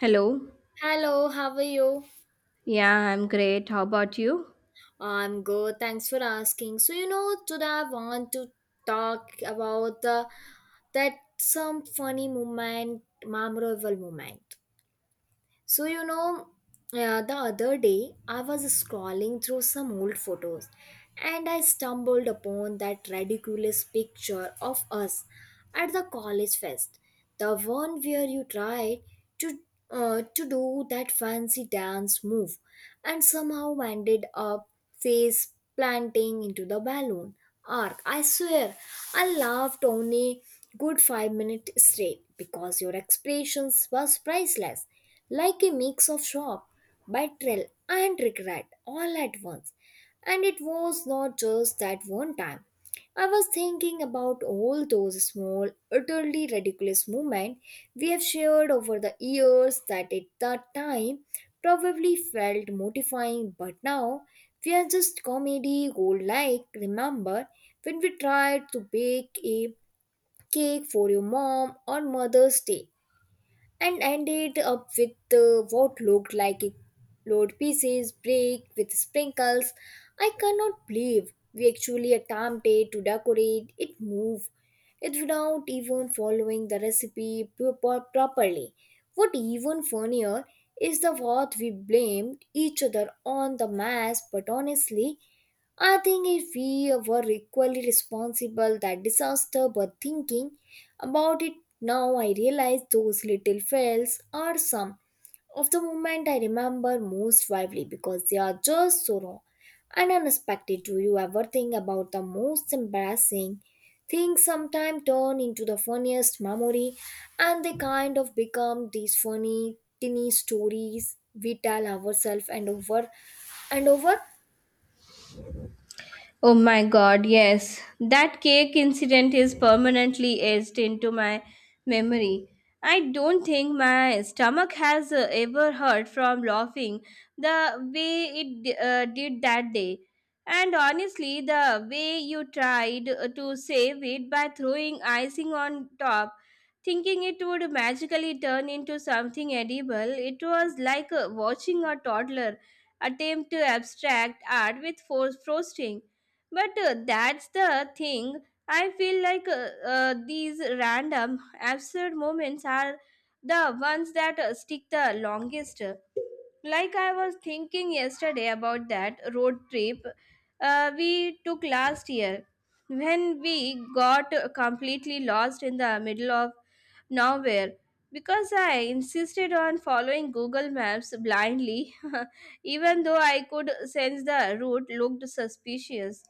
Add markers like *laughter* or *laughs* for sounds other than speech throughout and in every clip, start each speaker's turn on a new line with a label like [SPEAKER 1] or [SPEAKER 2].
[SPEAKER 1] Hello.
[SPEAKER 2] Hello, how are you?
[SPEAKER 1] Yeah, I'm great. How about you?
[SPEAKER 2] I'm good, thanks for asking. So, today I want to talk about the that some funny moment, memorable moment. So, the other day I was scrolling through some old photos and I stumbled upon that ridiculous picture of us at the college fest. The one where you tried to to do that fancy dance move and somehow ended up face planting into the balloon arc. I swear, I laughed only good 5 minutes straight because your expressions was priceless, like a mix of shock, betrayal, and regret all at once. And it was not just that one time. I was thinking about all those small, utterly ridiculous moments we have shared over the years that at that time probably felt mortifying, but now we are just comedy gold, like, remember when we tried to bake a cake for your mom on Mother's Day and ended up with, what looked like a load pieces break with sprinkles? I cannot believe we actually attempted to decorate it, move it, without even following the recipe properly. What even funnier is the what we blamed each other on the mess, but honestly, I think if we were equally responsible that disaster. But thinking about it now, I realize those little fails are some of the moments I remember most vividly because they are just so raw and unexpected. Do you ever think about the most embarrassing things sometimes turn into the funniest memory and they kind of become these funny, tinny stories we tell ourselves and over and over?
[SPEAKER 1] Oh my God, yes. That cake incident is permanently etched into my memory. I don't think my stomach has ever hurt from laughing the way it did that day. And honestly, the way you tried to save it by throwing icing on top, thinking it would magically turn into something edible, it was like watching a toddler attempt to abstract art with frosting. But that's the thing. I feel like these random, absurd moments are the ones that stick the longest. Like, I was thinking yesterday about that road trip we took last year when we got completely lost in the middle of nowhere because I insisted on following Google Maps blindly, *laughs* even though I could sense the route looked suspicious.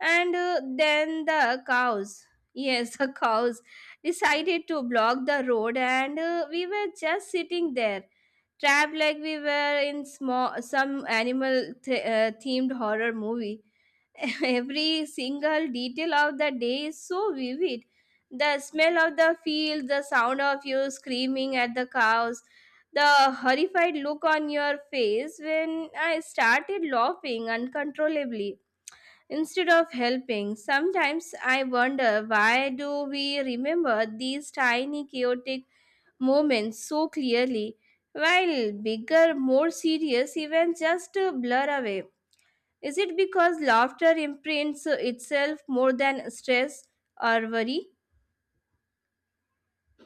[SPEAKER 1] And then the cows, yes, *laughs* the cows decided to block the road, and we were just sitting there, trapped like we were in small some animal themed horror movie. *laughs* Every single detail of the day is so vivid. The smell of the fields, the sound of you screaming at the cows, the horrified look on your face when I started laughing uncontrollably instead of helping. Sometimes I wonder, why do we remember these tiny chaotic moments so clearly while bigger, more serious events just blur away? Is it because laughter imprints itself more than stress or worry?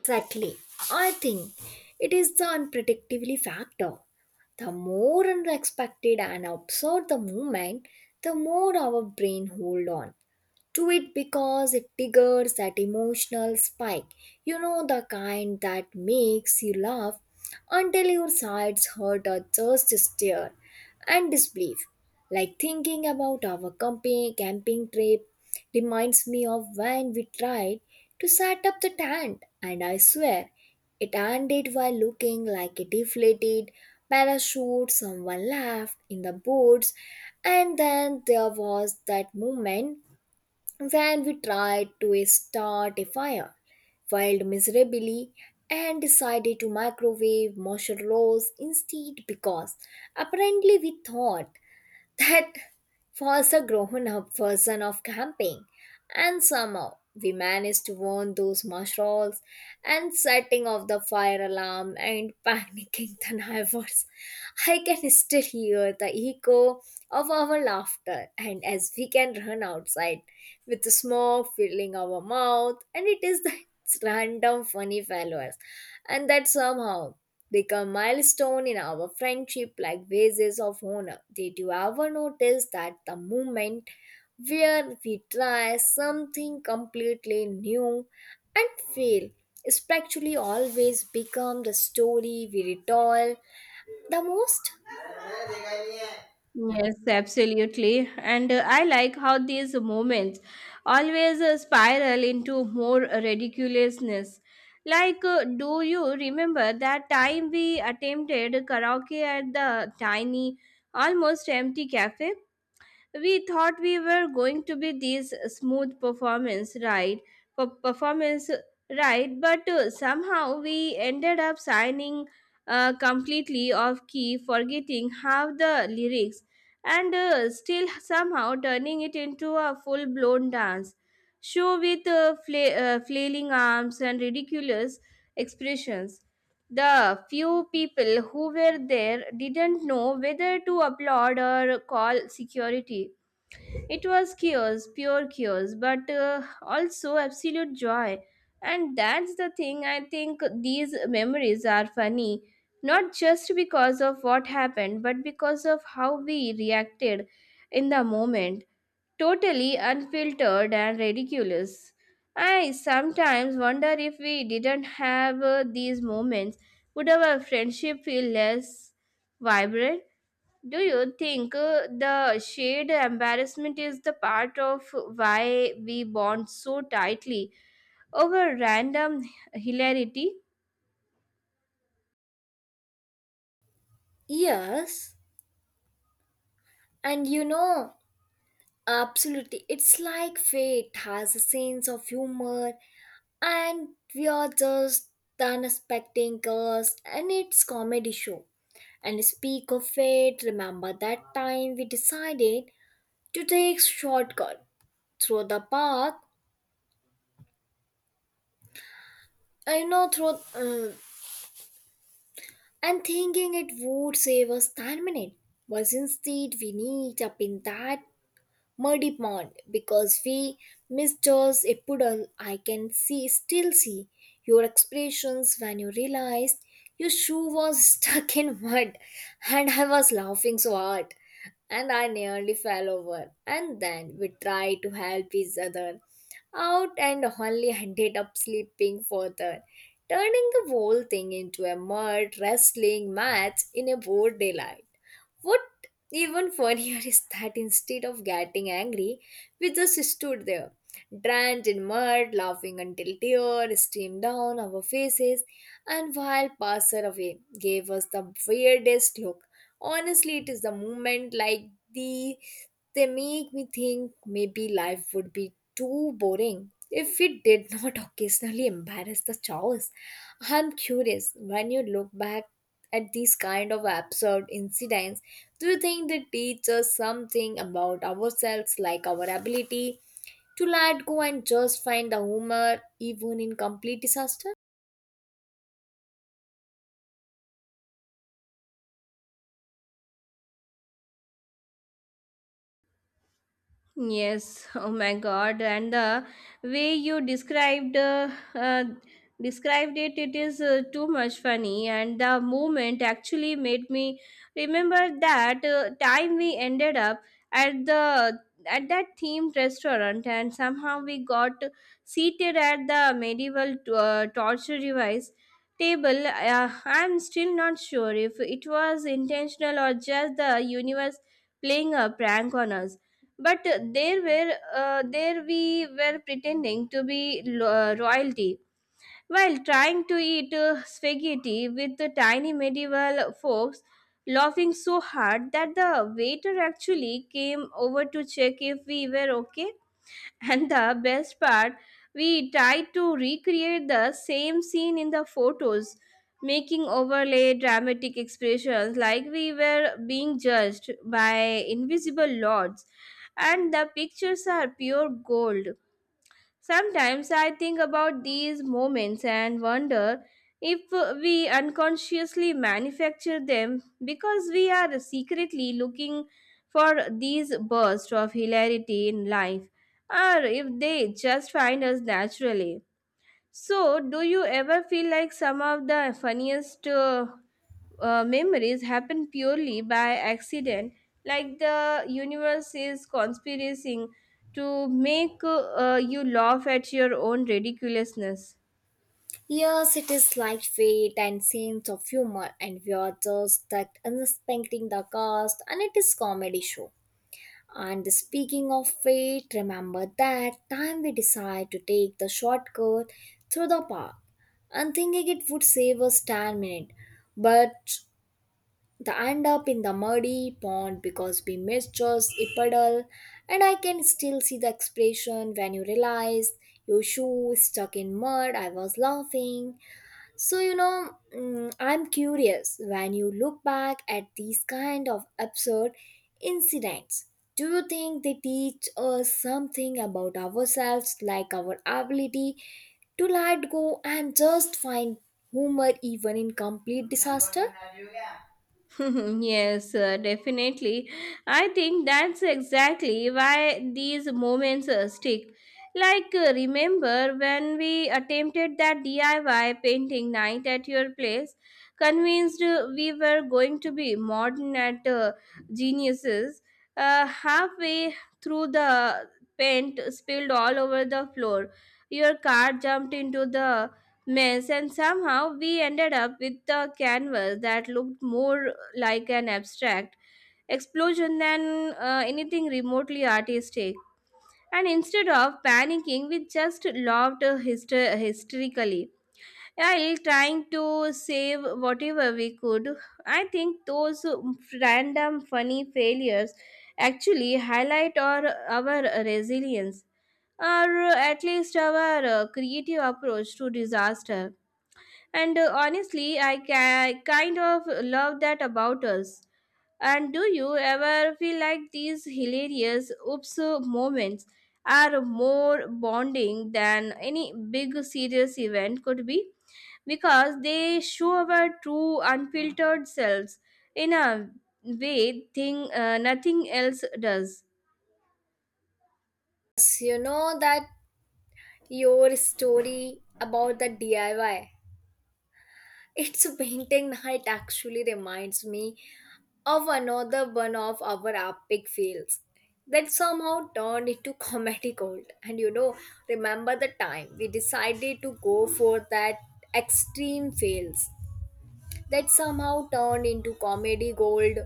[SPEAKER 2] Exactly. I think it is the unpredictability factor. The more unexpected and absurd the movement, the more our brain hold on to it because it triggers that emotional spike. The kind that makes you laugh until your sides hurt or just stare and disbelief. Like thinking about our camping trip reminds me of when we tried to set up the tent, and I swear it ended by looking like a deflated parachute. Someone laughed in the boards, and then there was that moment when we tried to start a fire, failed miserably, and decided to microwave marshmallows instead because apparently we thought that was a grown up version of camping. And somehow we managed to warn those mushrooms and setting off the fire alarm and *laughs* panicking the neighbors. I can still hear the echo of our laughter and as we can run outside with the smoke filling our mouth, and it is the *laughs* random funny followers and that somehow become milestone in our friendship like basis of honor. Did you ever notice that the moment where we try something completely new and fail spiritually always become the story we retell the most?
[SPEAKER 1] Yes, absolutely. And I like how these moments always spiral into more ridiculousness. Like, do you remember that time we attempted karaoke at the tiny, almost empty cafe? We thought we were going to be these smooth performance, right? But somehow we ended up signing completely off key, forgetting half the lyrics, and still somehow turning it into a full blown dance show with flailing arms and ridiculous expressions. The few people who were there didn't know whether to applaud or call security. It was chaos, pure chaos, but also absolute joy. And that's the thing, I think these memories are funny, not just because of what happened, but because of how we reacted in the moment, totally unfiltered and ridiculous. I sometimes wonder, if we didn't have these moments, would our friendship feel less vibrant? Do you think the shared embarrassment is the part of why we bond so tightly over random hilarity?
[SPEAKER 2] Yes, and absolutely, it's like fate has a sense of humor and we are just done expecting us and it's comedy show. And speak of it, remember that time we decided to take shortcut through the park? I know through, and thinking it would save us 10 minutes, but instead we need up in that muddy pond because we missed a puddle. I can still see your expressions when you realized your shoe was *laughs* stuck in mud, and I was laughing so hard and I nearly fell over. And then we tried to help each other out and only ended up sleeping further, turning the whole thing into a mud wrestling match in a broad daylight. What even funnier is that instead of getting angry, we just stood there, drenched in mud, laughing until tears streamed down our faces, and while passer away gave us the weirdest look. Honestly, it is the moment like the they make me think maybe life would be too boring if we did not *laughs* occasionally embarrass the chaos. I'm curious, when you look back at these kind of absurd incidents, do you think they teach us something about ourselves, like our ability to let go and just find the humor even in complete disaster?
[SPEAKER 1] Yes, *laughs* oh my God, and the way you uh, described it, it is too much funny, and the moment actually made me remember that time we ended up at the at that themed restaurant, and somehow we got seated at the medieval torture device table. I'm still not sure if it was intentional or just the universe playing a prank on us, but there we were, pretending to be royalty while trying to eat spaghetti with the tiny medieval forks, laughing so hard that the waiter actually came over to check if we were okay. And the best part, we tried to recreate the same scene in the photos, making overlay dramatic expressions like we were being judged by invisible lords. And the pictures are pure gold. Sometimes I think about these moments and wonder if we unconsciously manufacture them because we are secretly looking for these bursts of hilarity in life, or if they just find us naturally. So, do you ever feel like some of the funniest memories happen purely by accident, like the universe is conspiring to make you laugh at your own ridiculousness?
[SPEAKER 2] Yes, it is like fate and sense of humor, and we are just stuck unexpecting the cast, and it is comedy show. And speaking of fate, remember that time we decide to take the shortcut through the park and thinking it would save us 10 minutes? But the end up in the muddy pond because we misjudged a puddle, and I can still see the expression when you realize your shoe is stuck in mud. I was laughing so, I'm curious, when you look back at these kind of absurd incidents, do you think they teach us something about ourselves, like our ability to let go and just find humor even in complete disaster?
[SPEAKER 1] *laughs* Yes, definitely. I think that's exactly why these moments stick. Like, remember when we attempted that DIY painting night at your place, convinced we were going to be modern at geniuses, halfway through the paint spilled all over the floor. Your car jumped into the mess and somehow we ended up with the canvas that looked more like an abstract explosion than anything remotely artistic. And instead of panicking, we just loved hysterically while trying to save whatever we could. I think those random funny failures actually highlight our resilience, or at least our creative approach to disaster. And honestly, kind of love that about us. And do you ever feel like these hilarious oops moments are more bonding than any big serious event could be? Because they show our true unfiltered selves in a way nothing else does.
[SPEAKER 2] Yes, you know that. Your story about the DIY, it's painting night, actually reminds me of another one of our epic fails that somehow turned into comedy gold. And remember the time we decided to go for that extreme fails that somehow turned into comedy gold.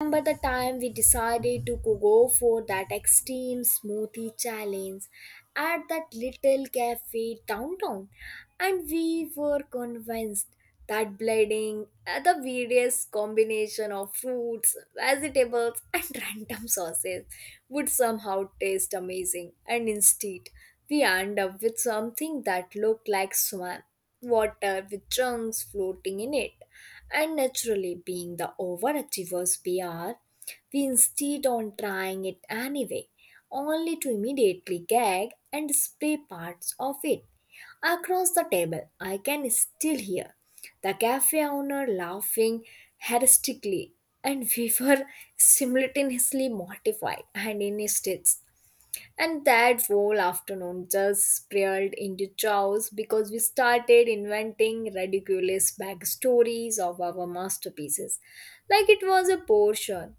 [SPEAKER 2] Remember the time we decided to go for that extreme smoothie challenge at that little cafe downtown? And we were convinced that blending, the various combination of fruits, vegetables, *laughs* and random sauces would somehow taste amazing. And instead, we end up with something that looked like swam water with chunks floating in it. And naturally, being the overachievers we are, we insist on trying it anyway, only to immediately gag and spray parts of it across the table. I can still hear the cafe owner laughing hysterically, and we were *laughs* simultaneously mortified and in hysterics. And that whole afternoon just spiraled into chaos because we started inventing ridiculous backstories of our masterpieces, like it was a portion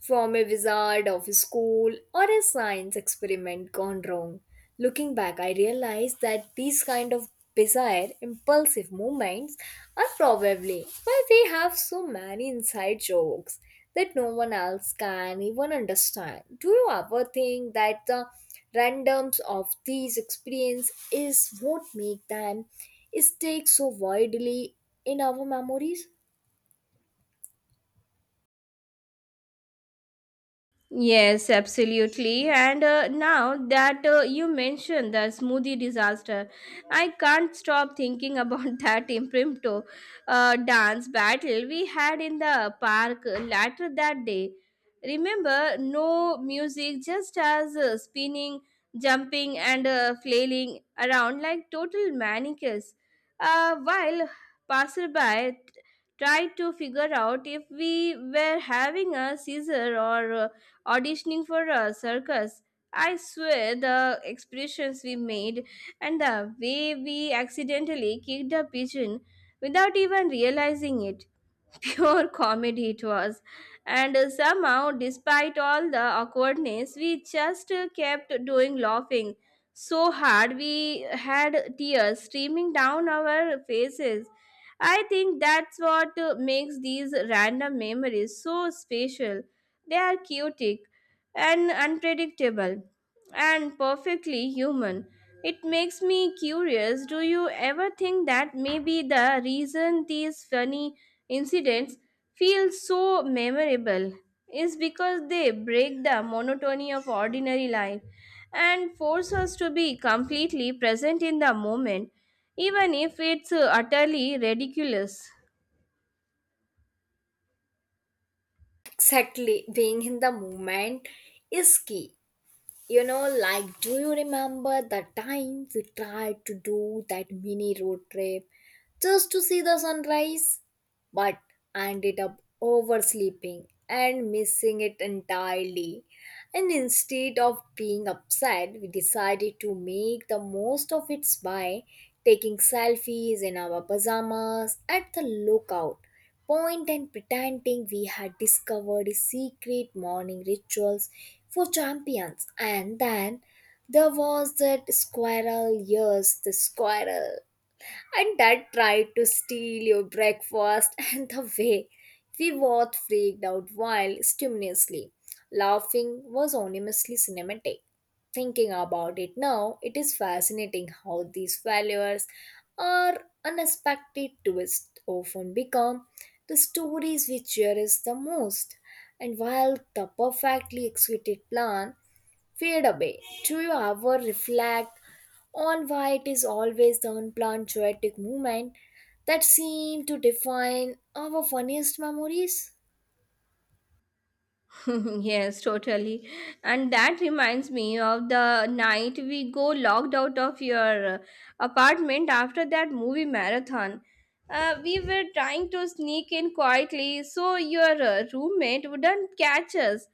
[SPEAKER 2] from a wizard of a school or a science experiment gone wrong. Looking back, I realized that these kind of bizarre, impulsive movements are probably why we have so many inside jokes that no one else can even understand. Do you ever think that the randoms of these experience is what make them stick so widely in our memories?
[SPEAKER 1] Yes, absolutely. And now that you mentioned the smoothie disaster, I can't stop thinking about *laughs* that impromptu dance battle we had in the park later that day. Remember, no music, just us spinning, jumping, and flailing around like total manicures, while passerby tried to figure out if we were having a seizure or auditioning for a circus. I swear, the expressions we made and the way we accidentally kicked a pigeon without even realizing it. *laughs* Pure comedy it was. And somehow, despite all the awkwardness, we just kept doing laughing so hard we had tears streaming down our faces. I think that's what makes these random memories so special. They are chaotic and unpredictable and perfectly human. It makes me curious, do you ever think that maybe the reason these funny incidents feel so memorable is because they break the monotony of ordinary life and force us to be completely present in the moment? Even if it's utterly ridiculous.
[SPEAKER 2] Exactly, being in the moment is key. Like, do you remember the time we tried to do that mini road trip just to see the sunrise? But I ended up oversleeping and missing it entirely. And instead of being upset, we decided to make the most of it by taking selfies in our pajamas at the lookout point and pretending we had discovered secret morning rituals for champions. And then there was that squirrel, yes, the squirrel, and dad tried to steal your breakfast *laughs* and the way we both freaked out while stimulantly laughing was enormously cinematic. Thinking about it now, it is fascinating how these failures are unexpected twists often become the stories we cherish the most, and while the perfectly executed plan fade away. Do you ever reflect on why it is always the unplanned poetic movement that seem to define our funniest memories?
[SPEAKER 1] *laughs* Yes, totally. And that reminds me of the night we go locked out of your apartment after that movie marathon. We were trying to sneak in quietly so your roommate wouldn't catch us,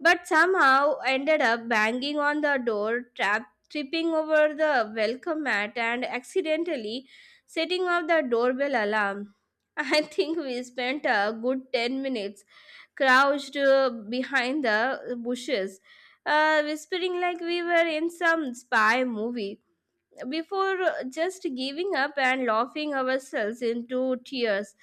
[SPEAKER 1] but somehow ended up banging on the door, tripping over the welcome mat, and accidentally setting off the doorbell alarm. *laughs* I think we spent a good 10 minutes crouched behind the bushes, whispering like we were in some spy movie, before just giving up and laughing ourselves into tears.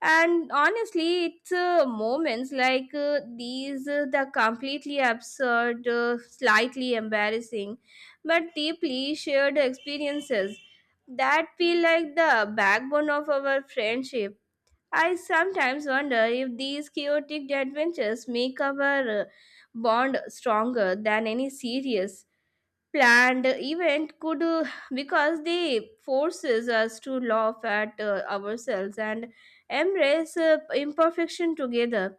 [SPEAKER 1] And honestly, it's moments like these, the completely absurd, slightly embarrassing, but deeply shared experiences that feel like the backbone of our friendship. I sometimes wonder if these chaotic adventures make our bond stronger than any serious planned event could, because they forces us to laugh at ourselves and embrace imperfection together.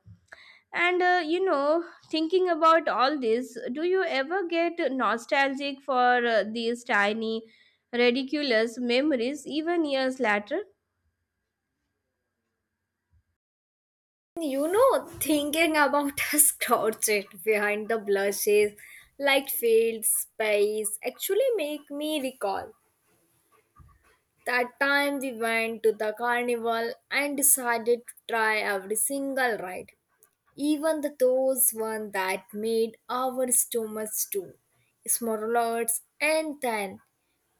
[SPEAKER 1] And you know, thinking about all this, do you ever get nostalgic for these tiny ridiculous memories even years later?
[SPEAKER 2] Thinking about *laughs* us crouched behind the blushes, light fields, space, actually make me recall that time we went to the carnival and decided to try every single ride, even the those one that made our stomachs too smaller. And then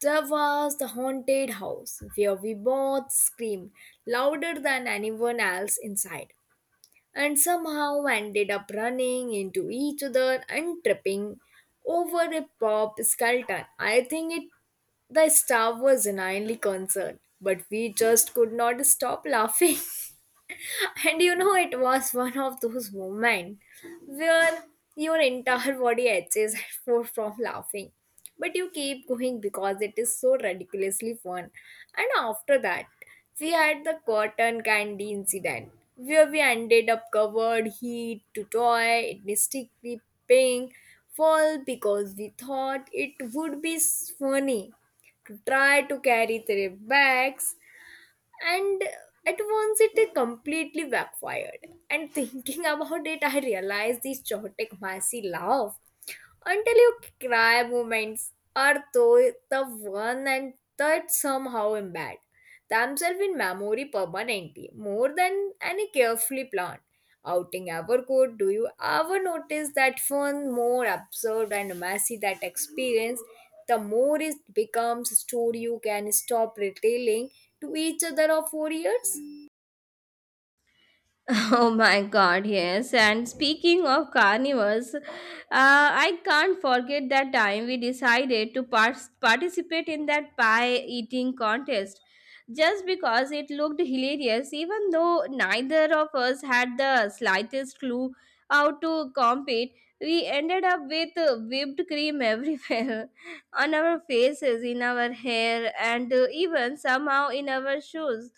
[SPEAKER 2] there was the haunted house where we both screamed louder than anyone else inside and somehow ended up running into each other and tripping over a pop skeleton. I think it, the star was genuinely concerned, but we just could not stop laughing. *laughs* And it was one of those moments where your entire body itches for from laughing. But you keep going because it is so ridiculously fun. And after that, we had the cotton candy incident where we ended up covered heat to toy, mystically pink, fall because we thought it would be funny to try to carry three bags and at once it completely backfired. And thinking *laughs* about it, I realized this chaotic messy laugh until you cry moments are though the one and that somehow embed themselves in memory permanently more than any carefully planned outing ever could. Do you ever notice that one more absurd and messy that experience, the more it becomes a story you can stop retailing to each other of 4 years?
[SPEAKER 1] *laughs* Oh my God, yes. And speaking of carnivores, I can't forget that time we decided to participate in that pie eating contest just because it looked hilarious, even though neither of us had the slightest clue how to compete. We ended up with whipped cream everywhere, *laughs* on our faces, in our hair, and even somehow in our shoes,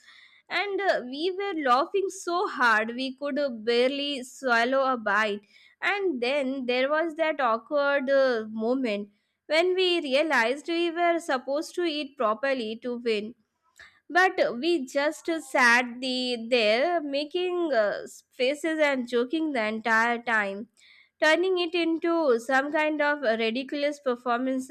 [SPEAKER 1] and we were laughing so hard we could barely swallow a bite. And then there was that awkward moment when we realized we were supposed to eat properly to win. But we just sat there making faces and joking the entire time, turning it into some kind of ridiculous performance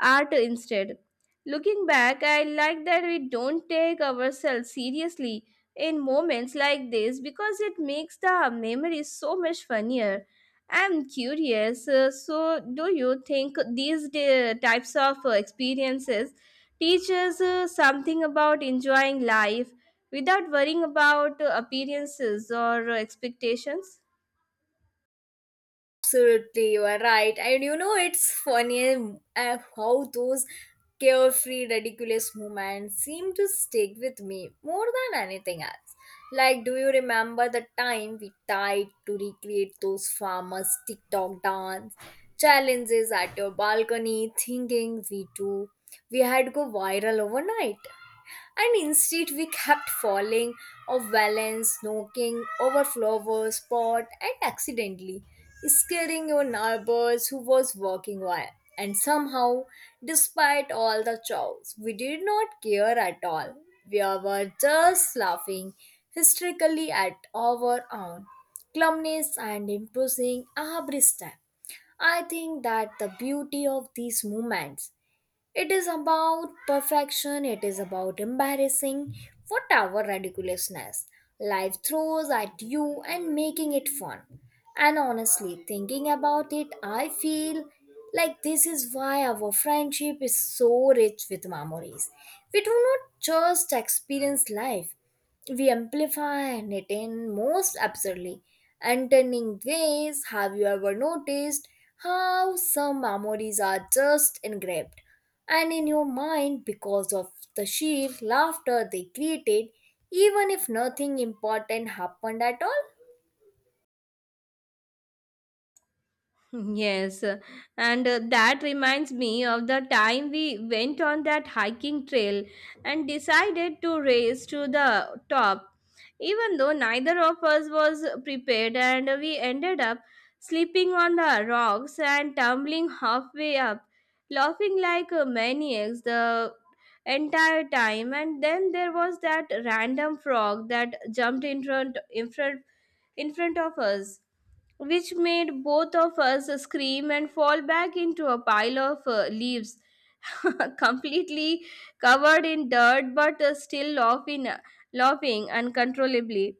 [SPEAKER 1] art instead. Looking back, I like that we don't take ourselves seriously in moments like this because it makes the memory so much funnier. I'm curious, so do you think these types of experiences teach us something about enjoying life without worrying about appearances or expectations?
[SPEAKER 2] Absolutely, you are right. And it's funny, how those carefree, ridiculous moments seem to stick with me more than anything else. Like, do you remember the time we tried to recreate those famous TikTok dance challenges at your balcony, thinking we too we had go viral overnight? And instead, we kept falling off balance, knocking over flowers, pot, and accidentally scaring our neighbors who was walking by. And somehow, despite all the chows, we did not care at all. We were just laughing hysterically at our own clumsiness and imposing every step. I think that the beauty of these moments, it is about perfection, it is about embarrassing whatever ridiculousness life throws at you and making it fun. And honestly, thinking about it, I feel like this is why our friendship is so rich with memories. We do not just experience life, we amplify and it most absurdly. And turning ways, have you ever noticed how some memories are just engraved and in your mind because of the sheer laughter they created, even if nothing important happened at all?
[SPEAKER 1] Yes, and that reminds me of the time we went on that hiking trail and decided to race to the top. Even though neither of us was prepared, and we ended up slipping on the rocks and tumbling halfway up, laughing like maniacs the entire time. And then there was that random frog that jumped in front of us, which made both of us scream and fall back into a pile of leaves, *laughs* completely covered in dirt but still laughing uncontrollably.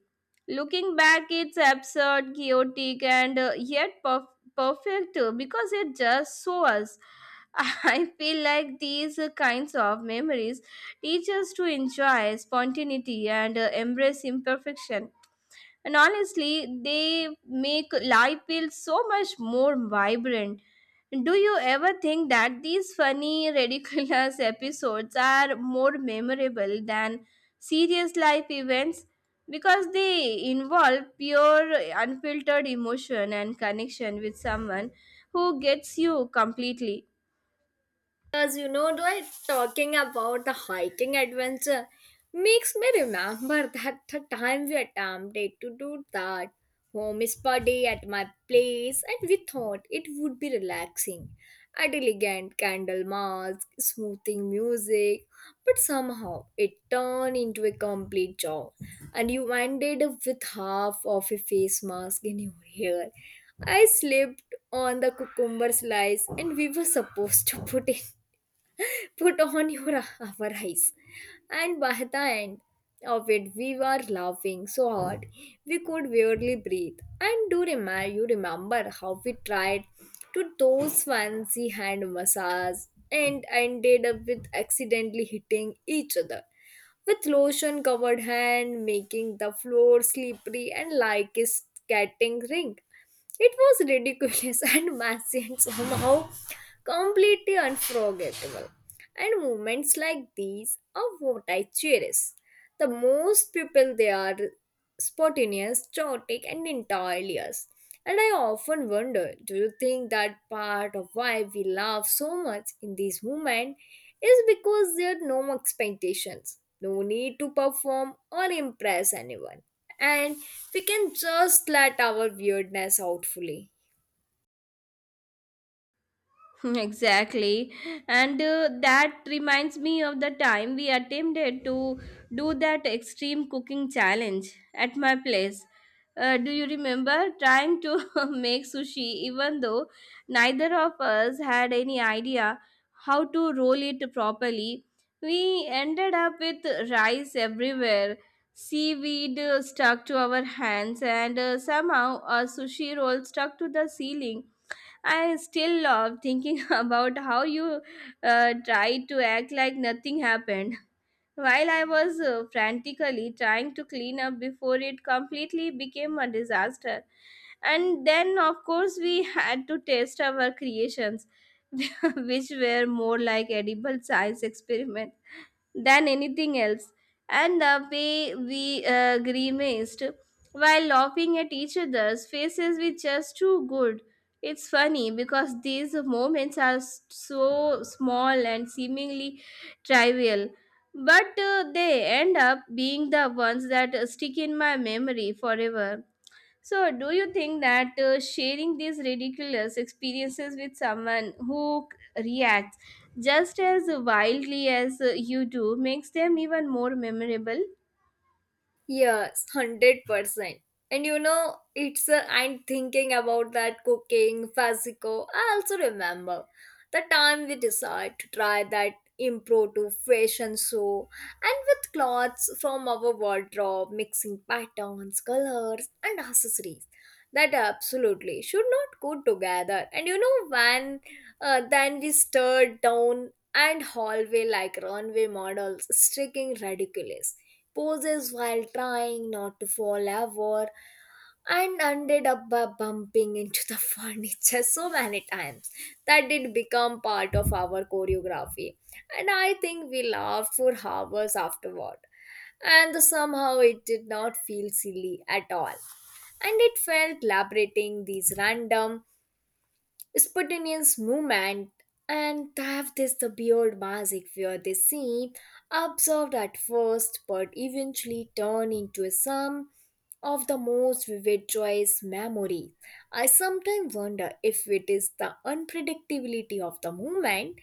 [SPEAKER 1] Looking back, it's absurd, chaotic, and yet perfect because it just so us. *laughs* I feel like these kinds of memories teach us to enjoy spontaneity and embrace imperfection, and honestly they make life feel so much more vibrant. Do you ever think that these funny *laughs* ridiculous episodes are more memorable than serious life events because they involve pure unfiltered emotion and connection with someone who gets you completely?
[SPEAKER 2] Because like talking about the hiking adventure makes me remember that the time we attempted to do that home spa day at my place, and we thought it would be relaxing, a elegant candle mask, smoothing music, but somehow it turned into a complete job, and you ended up with half of a face mask in your hair. I slipped on the cucumber slice and we were supposed to put on your *laughs* our eyes. And by the end of it, we were laughing so hard we could barely breathe. And do remember, you remember how we tried to those fancy hand massage and ended up with accidentally hitting each other with lotion covered hand, making the floor slippery and like a skating rink. It was ridiculous *laughs* and messy and somehow completely unforgettable. And moments like these are what I cherish the most. People, they are spontaneous, chaotic, and entirely us. And I often wonder, do you think that part of why we laugh so much in this moment is because there are no expectations, no need to perform or impress anyone, and we can just let our weirdness out fully?
[SPEAKER 1] *laughs* Exactly. And that reminds me of the time we attempted to do that extreme cooking challenge at my place. Do you remember trying to *laughs* make sushi even though neither of us had any idea how to roll it properly? We ended up with rice everywhere, seaweed stuck to our hands, and somehow a sushi roll stuck to the ceiling. I still love thinking *laughs* about how you tried to act like nothing happened while I was frantically trying to clean up before it completely became a disaster. And then, of course, we had to test our creations, *laughs* which were more like edible science experiments than anything else, and the way we grimaced while laughing at each other's faces was just too good. It's funny because these moments are so small and seemingly trivial, but they end up being the ones that stick in my memory forever. So, do you think that sharing these ridiculous experiences with someone who reacts just as wildly as you do makes them even more memorable?
[SPEAKER 2] Yes, 100%. And it's I'm thinking about that cooking fascico. I also remember the time we decided to try that impromptu fashion show, and with clothes from our wardrobe, mixing patterns, colors, and accessories that absolutely should not go together. And when then we stared down and hallway like runway models, streaking ridiculous poses while trying not to fall over and ended up by bumping into the *laughs* furniture so many times that it became part of our choreography. And I think we laughed for hours afterward and somehow it did not feel silly at all, and it felt liberating. These random spontaneous movement and have this the beard magic where they seem observed at first but eventually turn into some of the most vivid joyous memory. I sometimes wonder if it is the unpredictability of the movement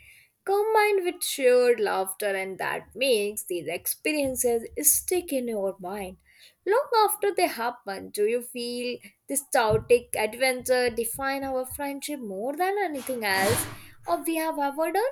[SPEAKER 2] combined with shared laughter and that makes these experiences stick in your mind long after they happen. Do you feel this chaotic adventure define our friendship more than anything else or we have ever done?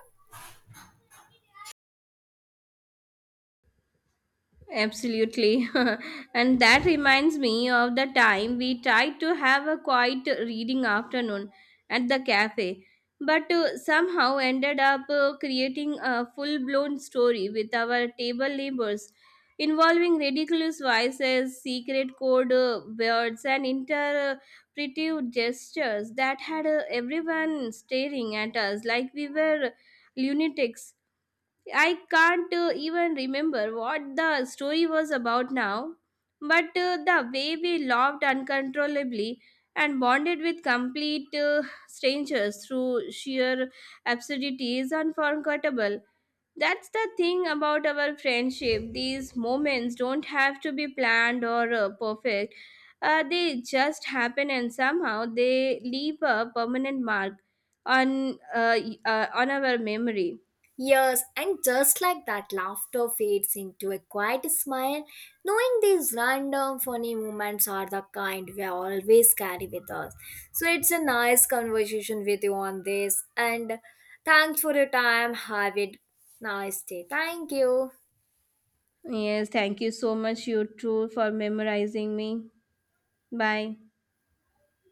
[SPEAKER 1] Absolutely. *laughs* And that reminds me of the time we tried to have a quiet reading afternoon at the cafe, but somehow ended up creating a full blown story with our table neighbors, involving ridiculous voices, secret code words, and interpretive gestures that had everyone staring at us like we were lunatics. I can't even remember what the story was about now, but the way we laughed uncontrollably and bonded with complete strangers through sheer absurdity is unforgettable. That's the thing about our friendship. These moments don't have to be planned or perfect. They just happen and somehow they leave a permanent mark on on our memory.
[SPEAKER 2] Yes, and just like that, laughter fades into a quiet smile, knowing these random funny moments are the kind we always carry with us. So it's a nice conversation with you on this, and thanks for your time. Have a nice day. Thank you.
[SPEAKER 1] Yes, thank you so much, you too, for memorizing me. Bye.